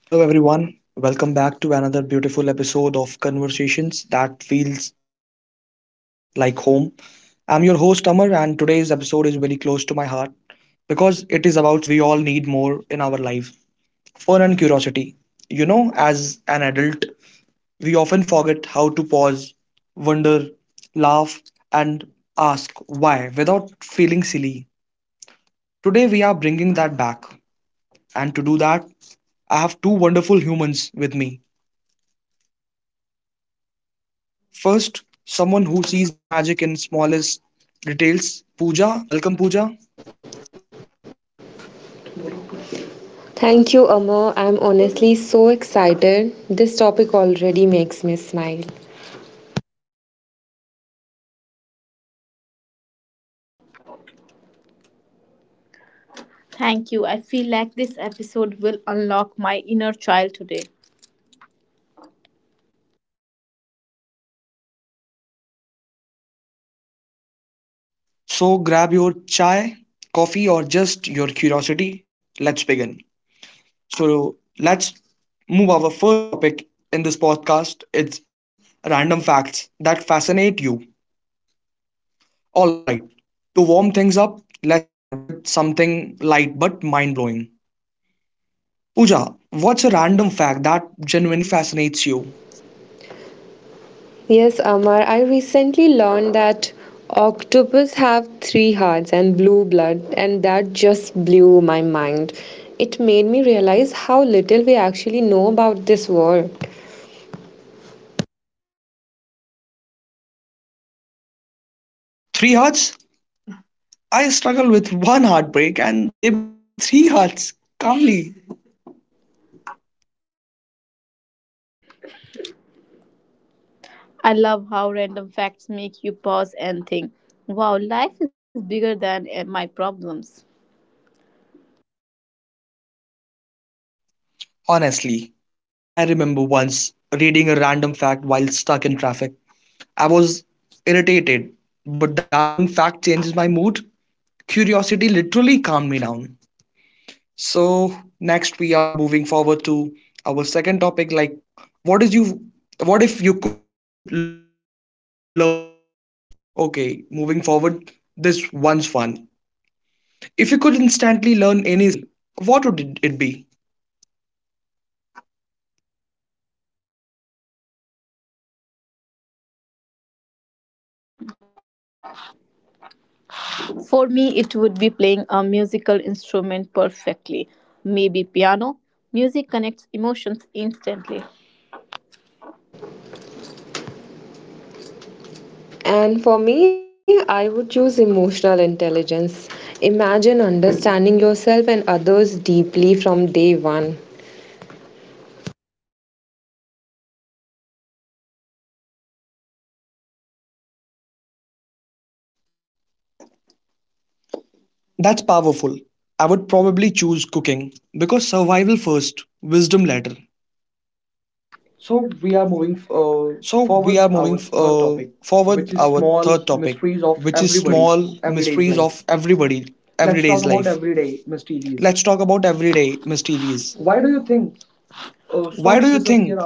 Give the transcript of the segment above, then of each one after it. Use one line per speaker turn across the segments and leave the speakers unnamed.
Hello, everyone. Welcome back to another beautiful episode of Conversations that feels like home. I'm your host, Amar, and today's episode is very close to my heart because it is about something we all need more in our life fun and curiosity. You know, as an adult, we often forget how to pause, wonder, laugh, and ask why without feeling silly. Today, we are bringing that back. And to do that, I have two wonderful humans with me. First, someone who sees magic in smallest details. Pooja, welcome Pooja.
Thank you, Amar. I'm honestly so excited. This topic already makes me smile.
Thank you. I feel like this episode will unlock my inner child today.
Same here. So grab your chai, coffee, or just your curiosity. Let's begin. So let's move our first topic in this podcast. It is random facts that fascinate you. All right. To warm things up, let's start with something light but mind blowing. Pooja, what's a random fact that genuinely fascinates you?
Yes, Amar, I recently learned that octopus have three hearts and blue blood, and that just blew my mind. It made me realize how little we actually know about this world.
Three hearts? I struggled with one heartbreak and they managed three hearts calmly.
I love how random facts make you pause and think, wow, life is bigger than my problems.
Honestly, I remember once reading a random fact while stuck in traffic. I was irritated, but that one fact changes my mood. Curiosity literally calmed me down. So, next we are moving forward to our second topic like what is you what if you could learn any skill instantly? Okay, moving forward, this one's fun. If you could instantly learn any skill, what would it be?
For me, it would be playing a musical instrument perfectly, maybe piano. Music connects emotions instantly.
And for me, I would choose emotional intelligence. Imagine understanding yourself and others deeply from day one.
That's powerful. I would probably choose cooking because survival first, wisdom later.
So we are moving
So we are
forward
moving
our third
forward our
topic,
third topic,
which is
which is small
small
mysteries
mysteries
of
of everybody,
everybody
everyday's
everyday's
life.
life. Let's
Let's
talk
talk
about
about everyday
everyday
mysteries.
mysteries.
Why
Why do
do
you
you think
think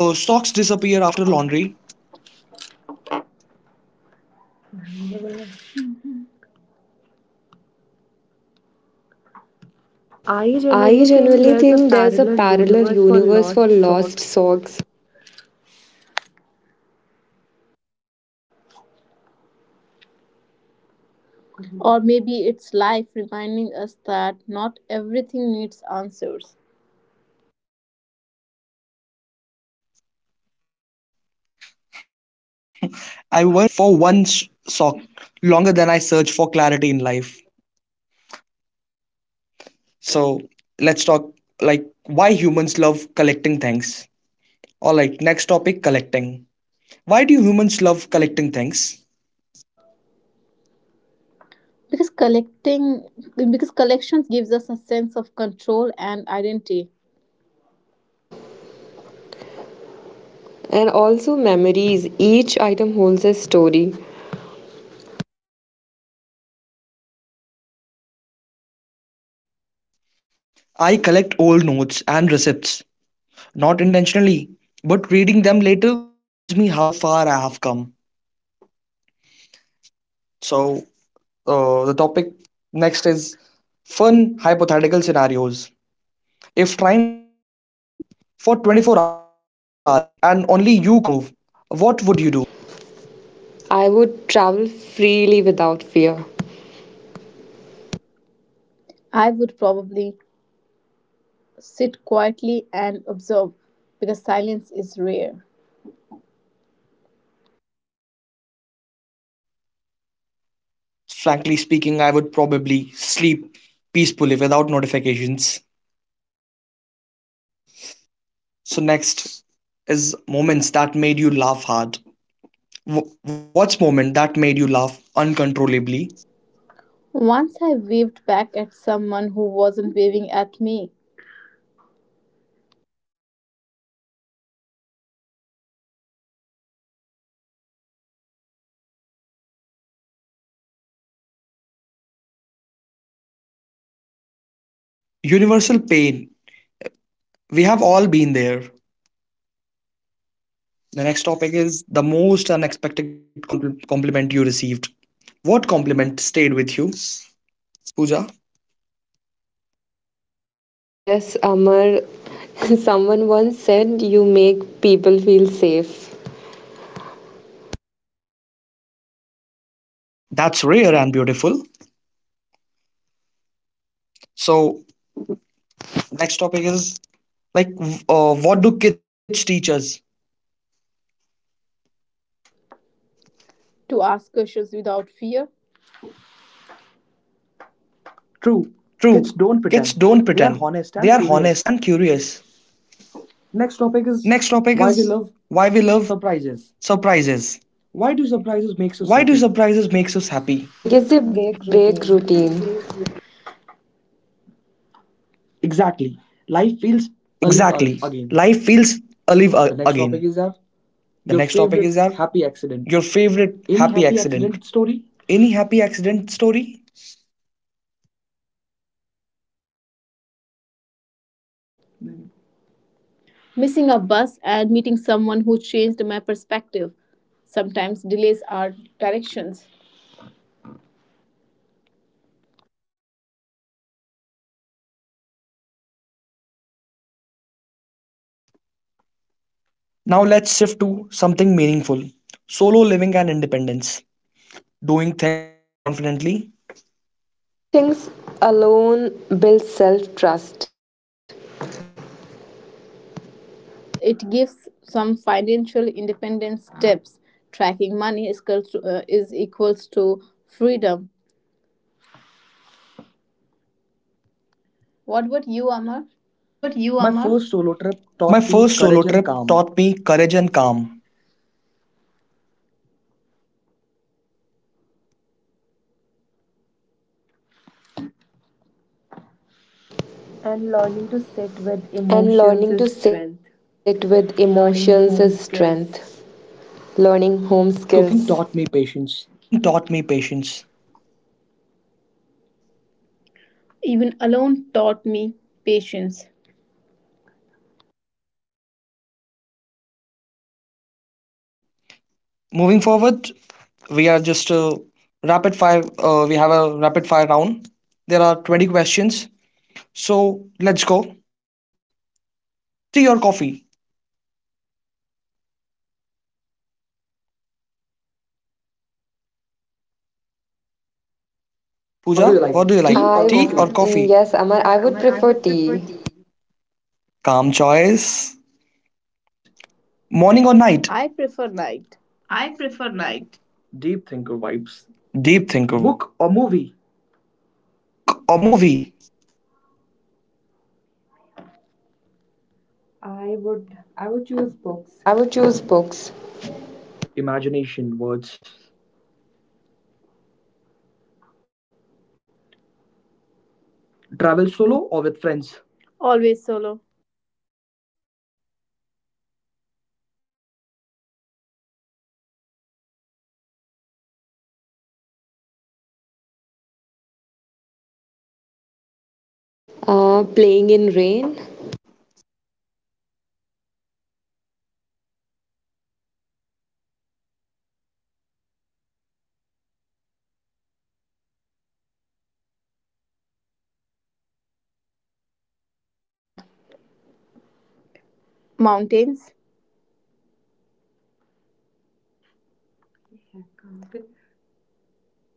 Socks
socks
disappear
disappear
after
after
laundry.
laundry?
I
I
generally
generally think
think there's
there's
a
a
parallel
parallel universe
universe
for
for
lost
lost
socks
socks. Or maybe it's life reminding us that not everything needs answers.
I once searched for one sock longer than I searched for clarity in life. So let's talk like why humans love collecting things. All right, next topic collecting. Why do humans love collecting things?
Because collecting because collections gives us a sense of control and identity.
and also memories. Each item holds a story.
I collect old notes and receipts, not intentionally, but reading them later reminds me how far I have come. So, the topic next is fun hypothetical scenarios. If time froze for 24 hours and only you could move, what would you do?
I would travel freely without fear.
I would probably sit quietly and observe because silence is rare.
Frankly speaking, I would probably sleep peacefully without notifications. So, next is moments that made you laugh hard. What's moment that made you laugh uncontrollably?
Once I waved back at someone who wasn't waving at me
Universal pain. We have all been there. The next topic is the most unexpected compliment you received. What compliment stayed with you, Pooja?
Yes, Amar, someone once said you make people feel safe
That's rare and beautiful. So, next topic is what do kids teach us?
to ask questions without fear. True,
True,
kids
kids
don't
don't
pretend.
pretend.
They
They
are
are
honest
honest
and
and
curious.
curious. Next
Next
topic
topic is
is why
why we
we
love
love surprises.
surprises.
Why
Why
do
do
surprises
surprises
makes
makes
us
us happy?
happy?
because they break
Because they
routine.
break routine. Exactly.
Exactly.
Life
Life feels
feels alive a- again.
again.
The
The next
next
topic
topic
is
is
our
our your
your
favorite
favorite
happy
happy
accident.
accident. Any
Any
happy
happy accident
accident
story?
story?
Missing a bus and meeting someone who changed my perspective. Sometimes delays are directions.
Now let's shift to something meaningful. Solo living and independence. Doing things alone confidently.
Doing things alone builds self trust,
Yes, it gives some financial independence steps. Tracking money is equals to freedom. What
What
about
about
you,
you,
Amar?
Amar?
My
My first
first
solo
solo
trip
trip taught
taught me
me
courage
courage
and
and calm.
calm.
And learning to
and
sit
learning to
with
sit with
emotions is
emotions
strength.
is strength.
Learning home
Learning home
skills.
skills.
Cooking taught me
Cooking
patience.
taught me patience.
Even alone taught me patience.
So moving forward, we are just rapid fire. We have a rapid fire round. There are 20 questions. So let's go. Tea or coffee,
What
Pooja?
do you
What do you
like? Tea
like,
or I
tea
coffee?
or I
Mm,
coffee?
yes, Amar, I would
I
prefer
would prefer
tea.
tea. Calm choice.
Night.
Morning or night?
I prefer night.
I prefer night.
Deep thinker vibes.
Deep thinker
Book or
vibes.
movie?
Book or movie?
I would choose books.
I would choose books.
Imagination words.
Imagination, words.
Travel solo or with
Travel
friends?
solo or with
Always
friends?
solo.
Always solo. Brave soul. Favorite childhood memory? Playing in
Playing in
rain.
rain.
Pure joy, introvert और extrovert पुरानी होगा हमें एक topic देना पड़ेगा paragraph वगैरह.
Mountains.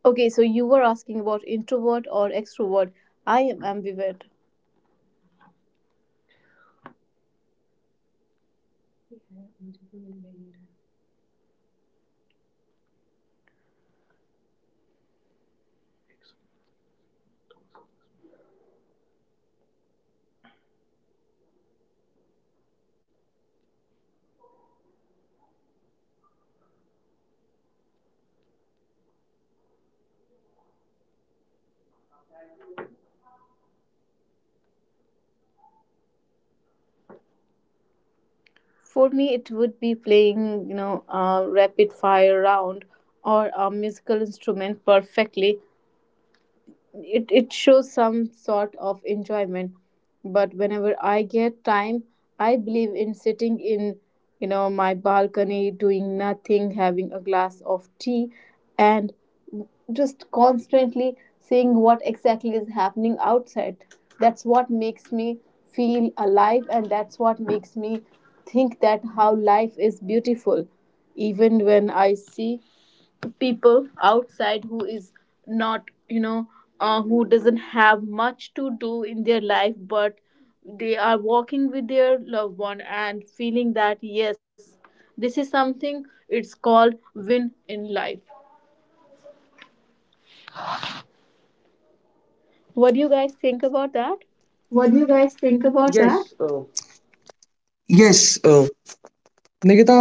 Okay, so you were asking about introvert or extrovert. I am ambivert. For me, it would be playing, you know, a rapid fire round or a musical instrument perfectly, it shows some sort of enjoyment, but whenever I get time, I believe in sitting in, you know, my balcony, doing nothing, having a glass of tea, and just constantly seeing what exactly is happening outside. That's what makes me feel alive, and that's what makes me think that how life is beautiful, even when I see people outside who is not, you know, who doesn't have much to do in their life, but they are walking with their loved one and feeling that, yes, this is something, it's called win in life. What do you
What
guys
do you guys
think
think
about
about
that?
that? Yes,
Yes, uh,
नेकेता.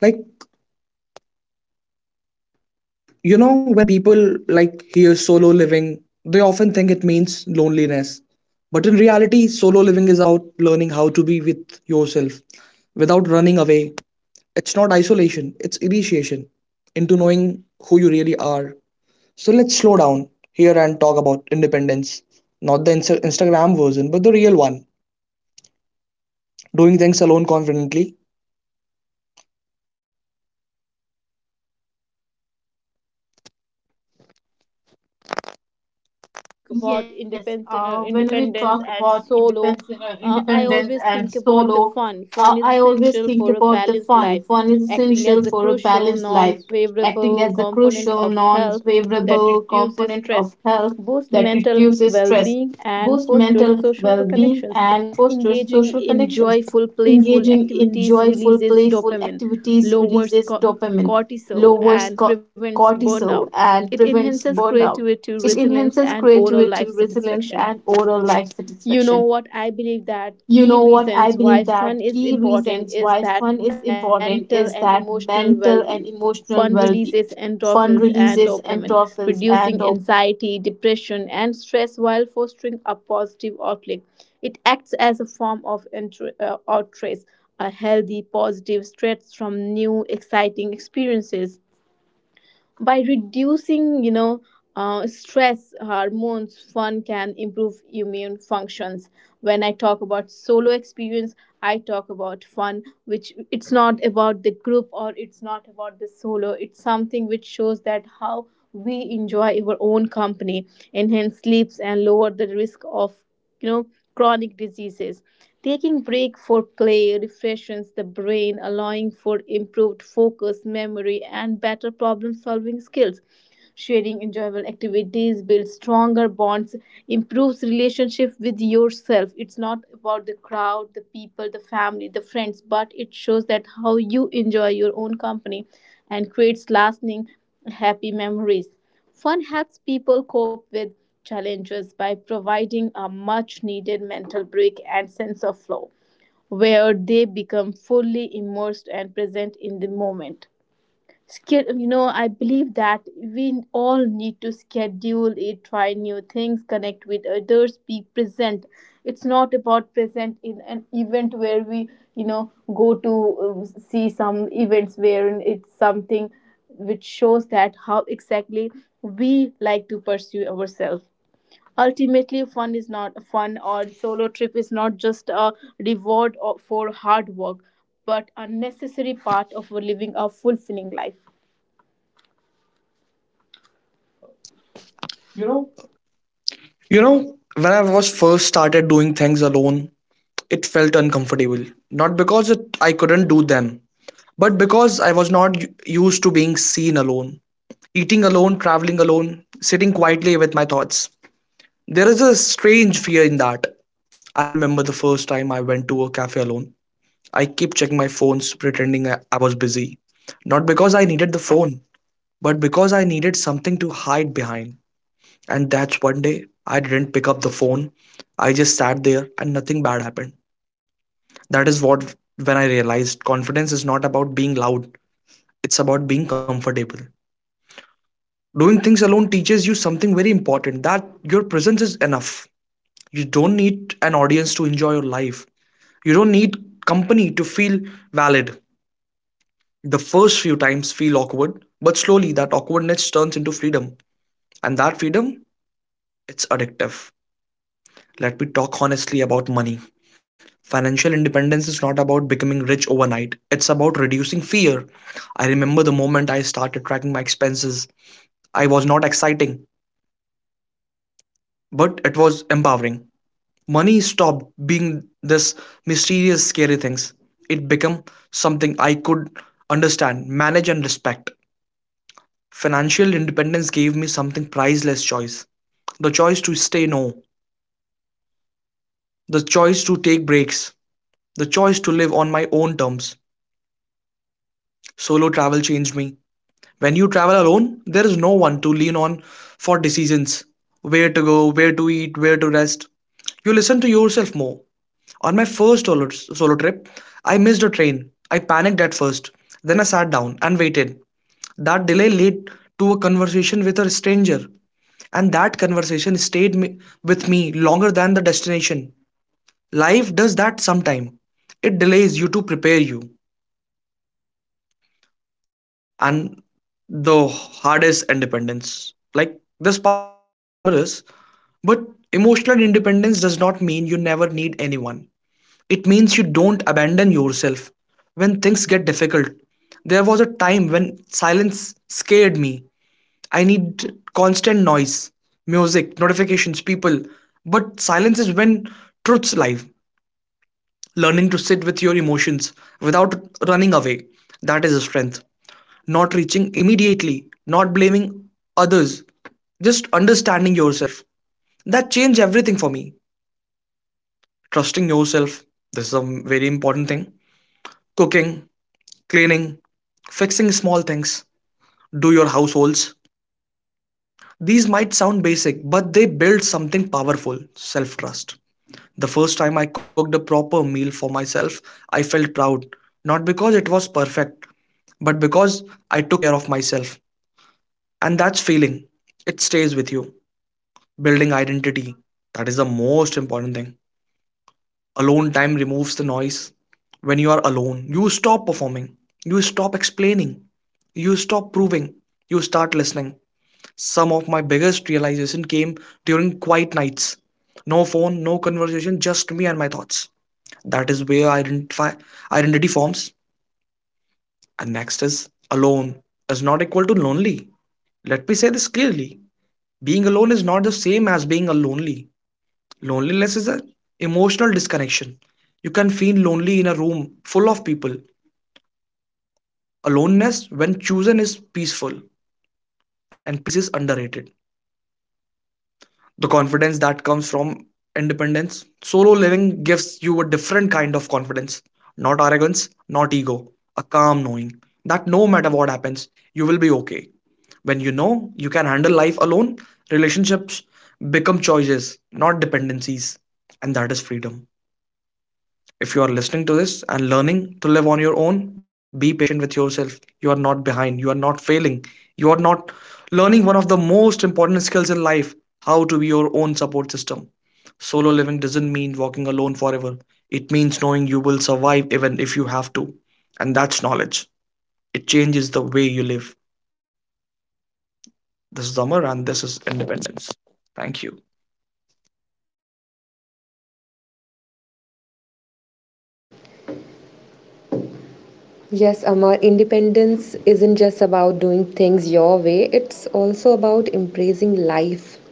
Like, you know when people like hear solo living, they often think it means loneliness, but in reality solo living is about learning how to be with yourself without running away. It's not isolation, it's initiation into knowing who you really are. So let's slow down here and talk about independence, not the Instagram version, but the real one. Doing things alone confidently.
Yes, when we talk about
Yes,
independence, uh,
when we talk
independence and
about
solo,
independence, uh,
uh, I
independence
always
and
think about the
solo,
fun. Fun is
I always
essential
think
for a
about the
balanced
fun.
life,
Fun is
acting
essential
as a
for a
crucial,
balanced
non
life, acting
favorable
as a
component
crucial,
of health that
non-favorable
reduces
component
stress,
of health
boosts
that
mental
reduces
well
stress,
being, and
boosts
fosters
mental
social
well-being,
connections.
and fosters
Engaging
social
in
connections.
joyful, playful
Engaging in
activities
joyful,
releases
playful
dopamine,
activities
lowers
releases dopamine,
cortisol,
lowers
and prevents burnout.
cortisol,
It
and
enhances
prevents burnout.
creativity,
It
resilience,
enhances
and overall life
creativity, resilience,
satisfaction.
and overall life
You know
satisfaction.
what, I believe that
You
key
know what? I
reasons why
believe
fun
that
is
key
important
reasons
is
why
that
fun is
mental and
important is
emotional
that
well-being.
mental and
Fun
emotional
releases
well being.
endorphins
Fun
and
releases
dopamine,
endorphins
reducing
and dopamine.
anxiety, depression, and stress while fostering a positive outlook. It acts as a form of outrage, a healthy positive stress from new exciting experiences. By reducing, you know, stress hormones, fun can improve immune functions. When I talk about solo experience, I talk about fun, which it's not about the group or it's not about the solo. It's something which shows that how we enjoy our own company, enhance sleeps, and lower the risk of, you know, chronic diseases. Taking break for play refreshes the brain, allowing for improved focus, memory, and better problem solving skills. Sharing enjoyable activities builds stronger bonds, improves relationship with yourself. It's not about the crowd, the people, the family, the friends, but it shows that how you enjoy your own company and creates lasting happy memories. Fun helps people cope with challenges by providing a much needed mental break and sense of flow, where they become fully immersed and present in the moment. You know, I believe that we all need to schedule it, try new things, connect with others, be present. It's not about present in an event where we, you know, go to, see some events, where it's something which shows that how exactly we like to pursue ourselves. Ultimately, fun is not fun or solo trip is not just a reward for hard work, but a necessary part of living a fulfilling life. You know,
You know, when I was first started doing things alone, it felt uncomfortable. Not because it, I couldn't do them, but because I was not used to being seen alone, eating alone, traveling alone, sitting quietly with my thoughts. There is a strange fear in that. I remember the first time I went to a cafe alone. I kept checking my phones, pretending I was busy. Not because I needed the phone, but because I needed something to hide behind. And that's one day I didn't pick up the phone. I just sat there and nothing bad happened. That is what when I realized confidence is not about being loud, it's about being comfortable. Doing things alone teaches you something very important that your presence is enough. You don't need an audience to enjoy your life. You don't need company to feel valid. The first few times feel awkward, but slowly that awkwardness turns into freedom. And that freedom, it's addictive. Let me talk honestly about money. Financial independence is not about becoming rich overnight, it's about reducing fear. I remember the moment I started tracking my expenses. I was not exciting, but it was empowering. Money stopped being this mysterious, scary things. It became something I could understand, manage, and respect. Financial independence gave me something priceless choice. The choice to stay no, the choice to take breaks, the choice to live on my own terms. Solo travel changed me. When you travel alone, there is no one to lean on for decisions where to go, where to eat, where to rest. You listen to yourself more. On my solo trip, I missed a train. I panicked at first. Then I sat down and waited. That delay led to a conversation with a stranger. And that conversation with me longer than the destination. Life does that sometime. It delays you to prepare you. And the hardest independence. Like, this part is not glamorous, but emotional independence does not mean you never need anyone. It means you don't abandon yourself when things get difficult. There was a time when silence scared me, I need constant noise, music, notifications, people. But silence is when truth's live. Learning to sit with your emotions without running away. That is a strength. Not reaching immediately, not blaming others, just understanding yourself. That changed everything for me. Trusting yourself. This is a very important thing. Cooking, cleaning, fixing small things. Do your households. These might sound basic, but they build something powerful self trust. The first time I cooked a proper meal for myself, I felt proud, not because it was perfect, but because I took care of myself. And that's feeling. It stays with you. Building identity. That is the most important thing. Alone time removes the noise. When you are alone, you stop performing, you stop explaining, you stop proving, you start listening. Some of my biggest realization came during quiet nights. No phone, no conversation, just me and my thoughts. That is where identify identity forms. And next is alone is not equal to lonely. Let me say this clearly. Being alone is not the same as being a lonely. Loneliness is an emotional disconnection. You can feel lonely in a room full of people. Aloneness, when chosen, is peaceful, and peace is underrated. The confidence that comes from independence. Solo living gives you a different kind of confidence, not arrogance, not ego, a calm knowing that no matter what happens, you will be okay. When you know you can handle life alone, relationships become choices, not dependencies, and that is freedom. If you are listening to this and learning to live on your own, be patient with yourself. You are not behind. You are not failing. You are not learning one of the most important skills in life how to be your own support system. Solo living doesn't mean walking alone forever, it means knowing you will survive even if you have to. And that's knowledge. It changes the way you live. This is Amar, and this is independence. Thank you.
Yes, Amar, independence isn't just about doing things your way, it's also about embracing life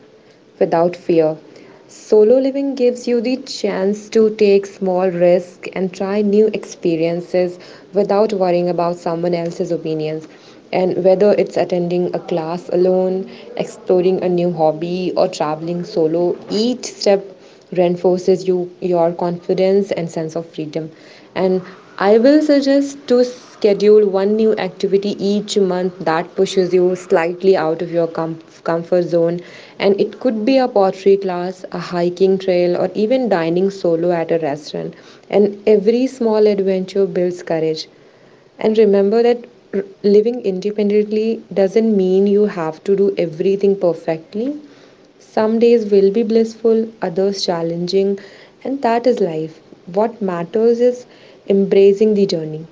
without fear. Solo living gives you the chance to take small risks and try new experiences without worrying about someone else's opinions. And whether it's attending a class alone, exploring a new hobby, or traveling solo, each step reinforces your confidence and sense of freedom. And I will suggest to schedule one new activity each month that pushes you slightly out of your comfort zone. And it could be a pottery class, a hiking trail, or even dining solo at a restaurant. And every small adventure builds courage. And remember that, r- living independently doesn't mean you have to do everything perfectly. Some days will be blissful, others challenging, and that is life. What matters is embracing the journey,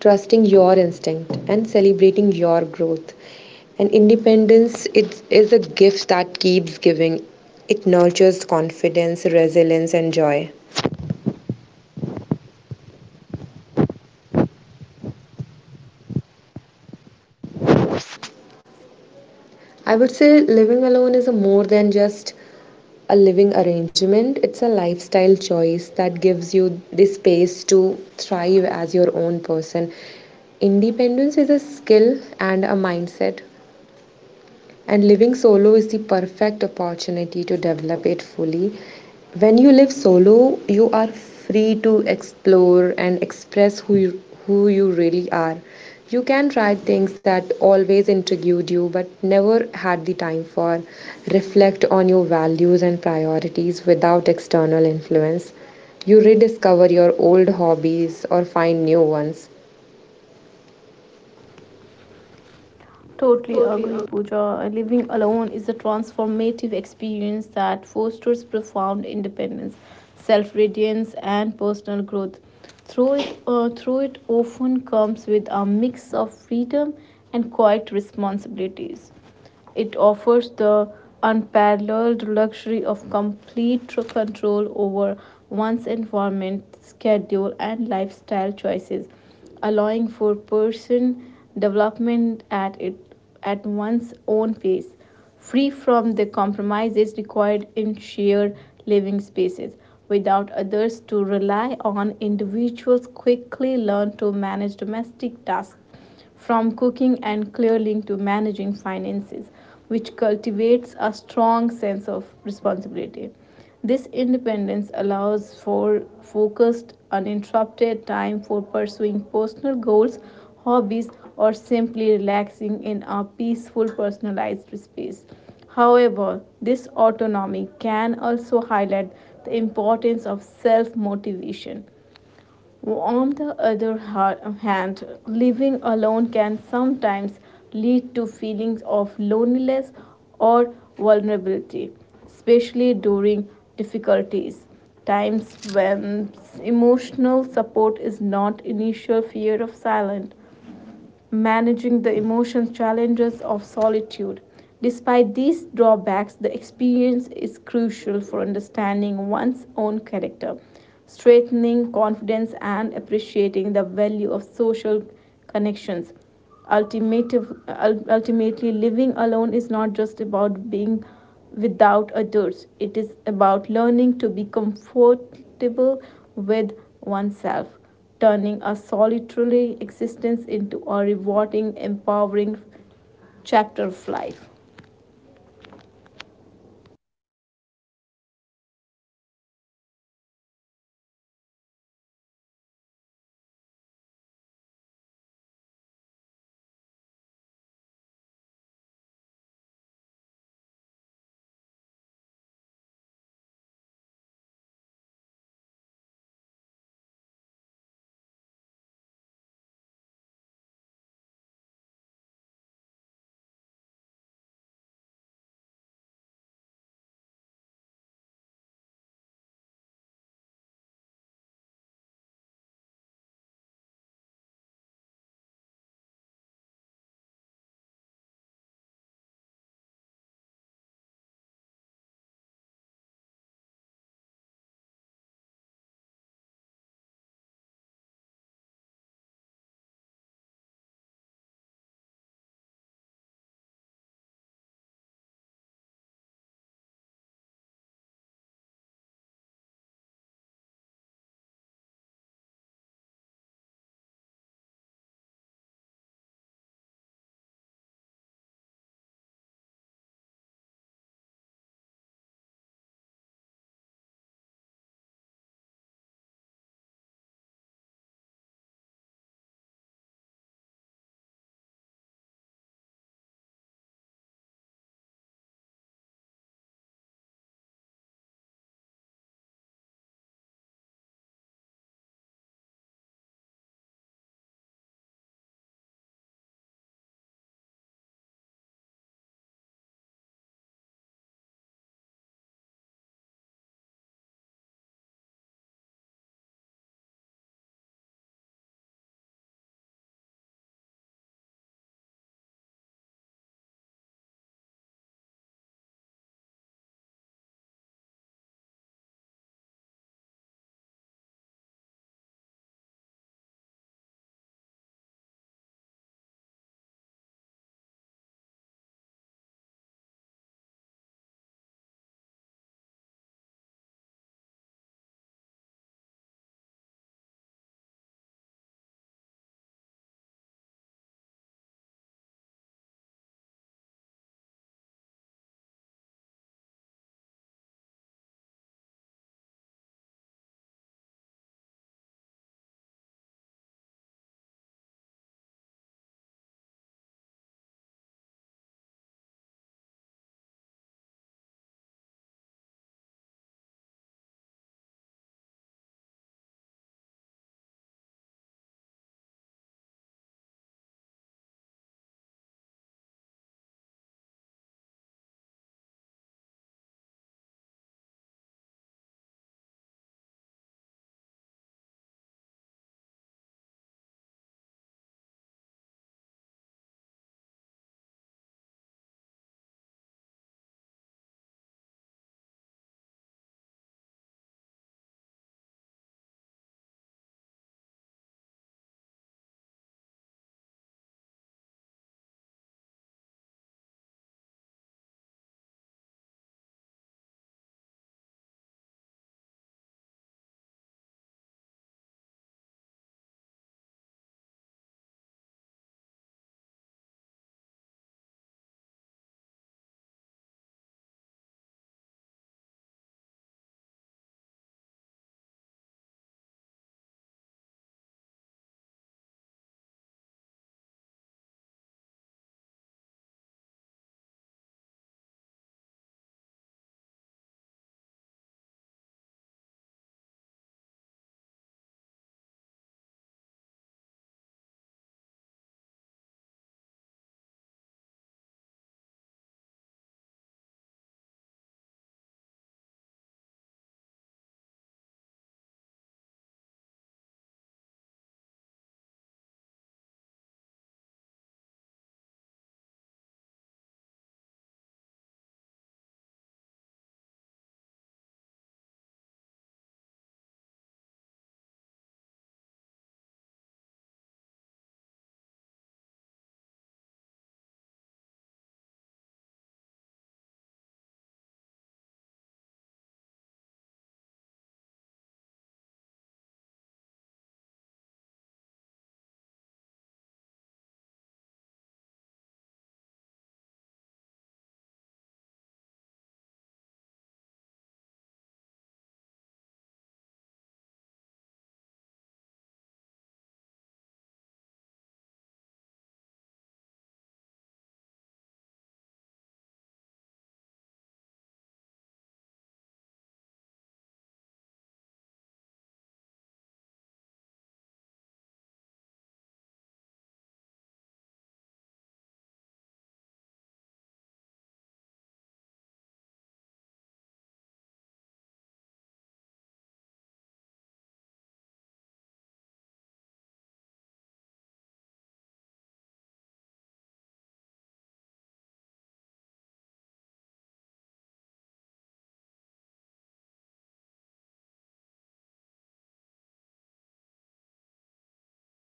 trusting your instinct, and celebrating your growth. And independence, it is a gift that keeps giving. It nurtures confidence, resilience, and joy. I would say living alone is a more than just a living arrangement. It's a lifestyle choice that gives you the space to thrive as your own person. Independence is a skill and a mindset, and living solo is the perfect opportunity to develop it fully. When you live solo, you are free to explore and express who you really are. You can try things that always intrigued you but never had the time for. Reflect on your values and priorities without external influence. You rediscover your old hobbies or find new ones.
totally agree, Pooja. Living alone is a transformative experience that fosters profound independence, self reliance, and personal growth. Through it often comes with a mix of freedom and quiet responsibilities. It offers the unparalleled luxury of complete control over one's environment, schedule, and lifestyle choices, allowing for person development at one's own pace, free from the compromises required in shared living spaces. Without others to rely on, individuals quickly learn to manage domestic tasks from cooking and clearling to managing finances, which cultivates a strong sense of responsibility. This independence allows for focused, uninterrupted time for pursuing personal goals, hobbies, or simply relaxing in a peaceful, personalized space. However, this autonomy can also highlight the importance of self motivation. On the other hand, living alone can sometimes lead to feelings of loneliness or vulnerability, especially during difficulties. Times when emotional support is not initial fear of silence managing the emotional challenges of solitude. Despite these drawbacks, the experience is crucial for understanding one's own character, strengthening confidence, and appreciating the value of social connections. Ultimative- Ultimately, living alone is not just about being without others. It is about learning to be comfortable with oneself, turning a solitary existence into a rewarding, empowering chapter of life.
Let me take this conversation a little further. When we talk about fun and curiosity, we often think these are childish things, but in reality, they are survival tools. One gives us relief, and curiosity gives us direction. Curiosity helps us grow without pressure. When you are curious, you don't panic about not knowing. You simply explore, and exploration removes fear. I have noticed that whenever life feels heavy, it is not about because things are going wrong. It is because I stopped being curious and started only reacting. The moment I slow down and ask why, life feels lighter again. Fun also doesn't mean being happy all the time. Fun means allowing yourself to feel human, laughing at mistakes, finding humor in awkward moments, accepting that not everything needs to be perfect. Now, let's talk about something very important: comparison, which we all do in our daily lives. Comparison kills curiosity. When we constantly compare our journey with others, we stop enjoying our own pace. Independence teaches you to focus inward instead of looking sideways. Living independently forces you to listen to yourself. You learn your pattern, your moods, your limits. You understand what drains you and what energizes you. There is a beautiful lesson in doing ordinary things alone. When you walk alone, eat alone, or sit alone, you become more observant. You notice details you earlier missed. That awareness brings peace. Another thing solo living teaches is responsibility, not the heavy kind, but the honest kind. When something goes wrong, you don't look for someone to blame, you look for a solution, and that shift is powerful. Let's also talk about emotional maturity. Independence teaches you that emotions are not enemies, they are signals. Instead of suppressing them or dumping them on others, you learn to understand them. This does not mean you do not need people. It means you do not lose yourself while needing them. One of the biggest changes I noticed in myself after choosing independence was my relationship with silence. Earlier, silence felt empty. Now it feels full. Silence gives clarity. It helps you hear thoughts that were earlier buried under noise. Another important aspect is identity. When you are constantly surrounded by people, your identity gets mixed with expectation. Alone with time separates who you are from you, who you are expected to be. That separation is uncomfortable at first, but very necessary. Fun, curiosity, and independence together create balance. Fun keeps you light, curiosity keeps you growing, independence keeps you grounded. Life becomes less about proving and more about experiencing. So, if you are on this journey right now, learning to live alone, learning to trust yourself, know that is okay to move slowly. Growth doesn't need speed, it needs honesty. And sometimes the most powerful thing you can do is sit with yourself, ask simple questions, and enjoy small moments without any reason. Because at the end of the delay, life is not meant to be rushed, it meant to be understood. One curious, honest moment at a time. This is Amar, and the conversation continues. For me, fun and curiosity are not extras in life, they are essentials. They help us breathe when life feels heavy. When we stop being curious, life starts feeling repetitive. But the moment we ask small question, why do I feel the way? What can I learn from this? Life becomes interesting again. Solo living teaches us courage in quiet way. It shows us that we don't break when we are alone. We actually grow stronger. Doing things alone builds self trust. You start believing that you can handle situations without always depending on others. Independence doesn't mean pushing people away, it means standing strong on your own felt and feet, so relationship become choices not needs. And finally, alone time teaches sometime something very important: peace, that doesn't come from approval, noise on distraction, peace that comes from knowing yourself. If you are listening right now, remember this: stay curious, find joy in small thing, trust yourself a little more every day. That's where real freedom begins.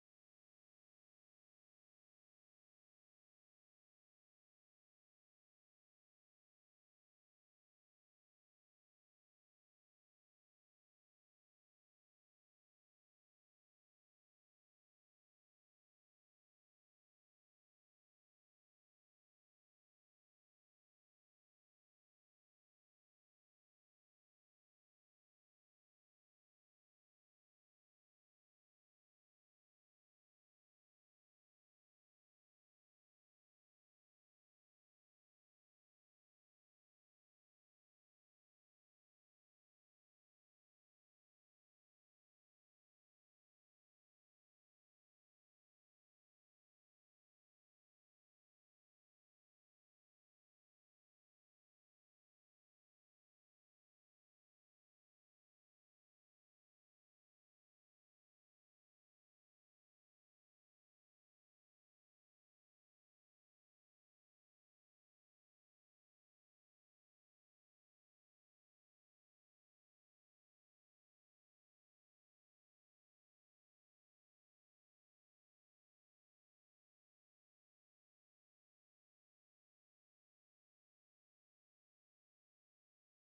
So before we end this episode, I just want to leave you with one simple thought: life doesn't need to be figured out at all at once, it needs to be felt slowly, honestly, and with curiosity. Fun is not something we add later when everything is perfect. Fun is what keeps us going while we are still figuring things out. Learning to live independently doesn't mean walking alone forever. It means knowing that even if you have to be, you will be okay. If today's conversation made you pause, smile, and or think, then it did its job. So take your time, ask questions, laugh at your mistakes, trust yourself a little more than yesterday. Thank you for spending these moments with me. This is Amar signing off. Until next time, stay curious, stay kind, and keep choosing yourself. Thank you. Bye bye. Have a great day.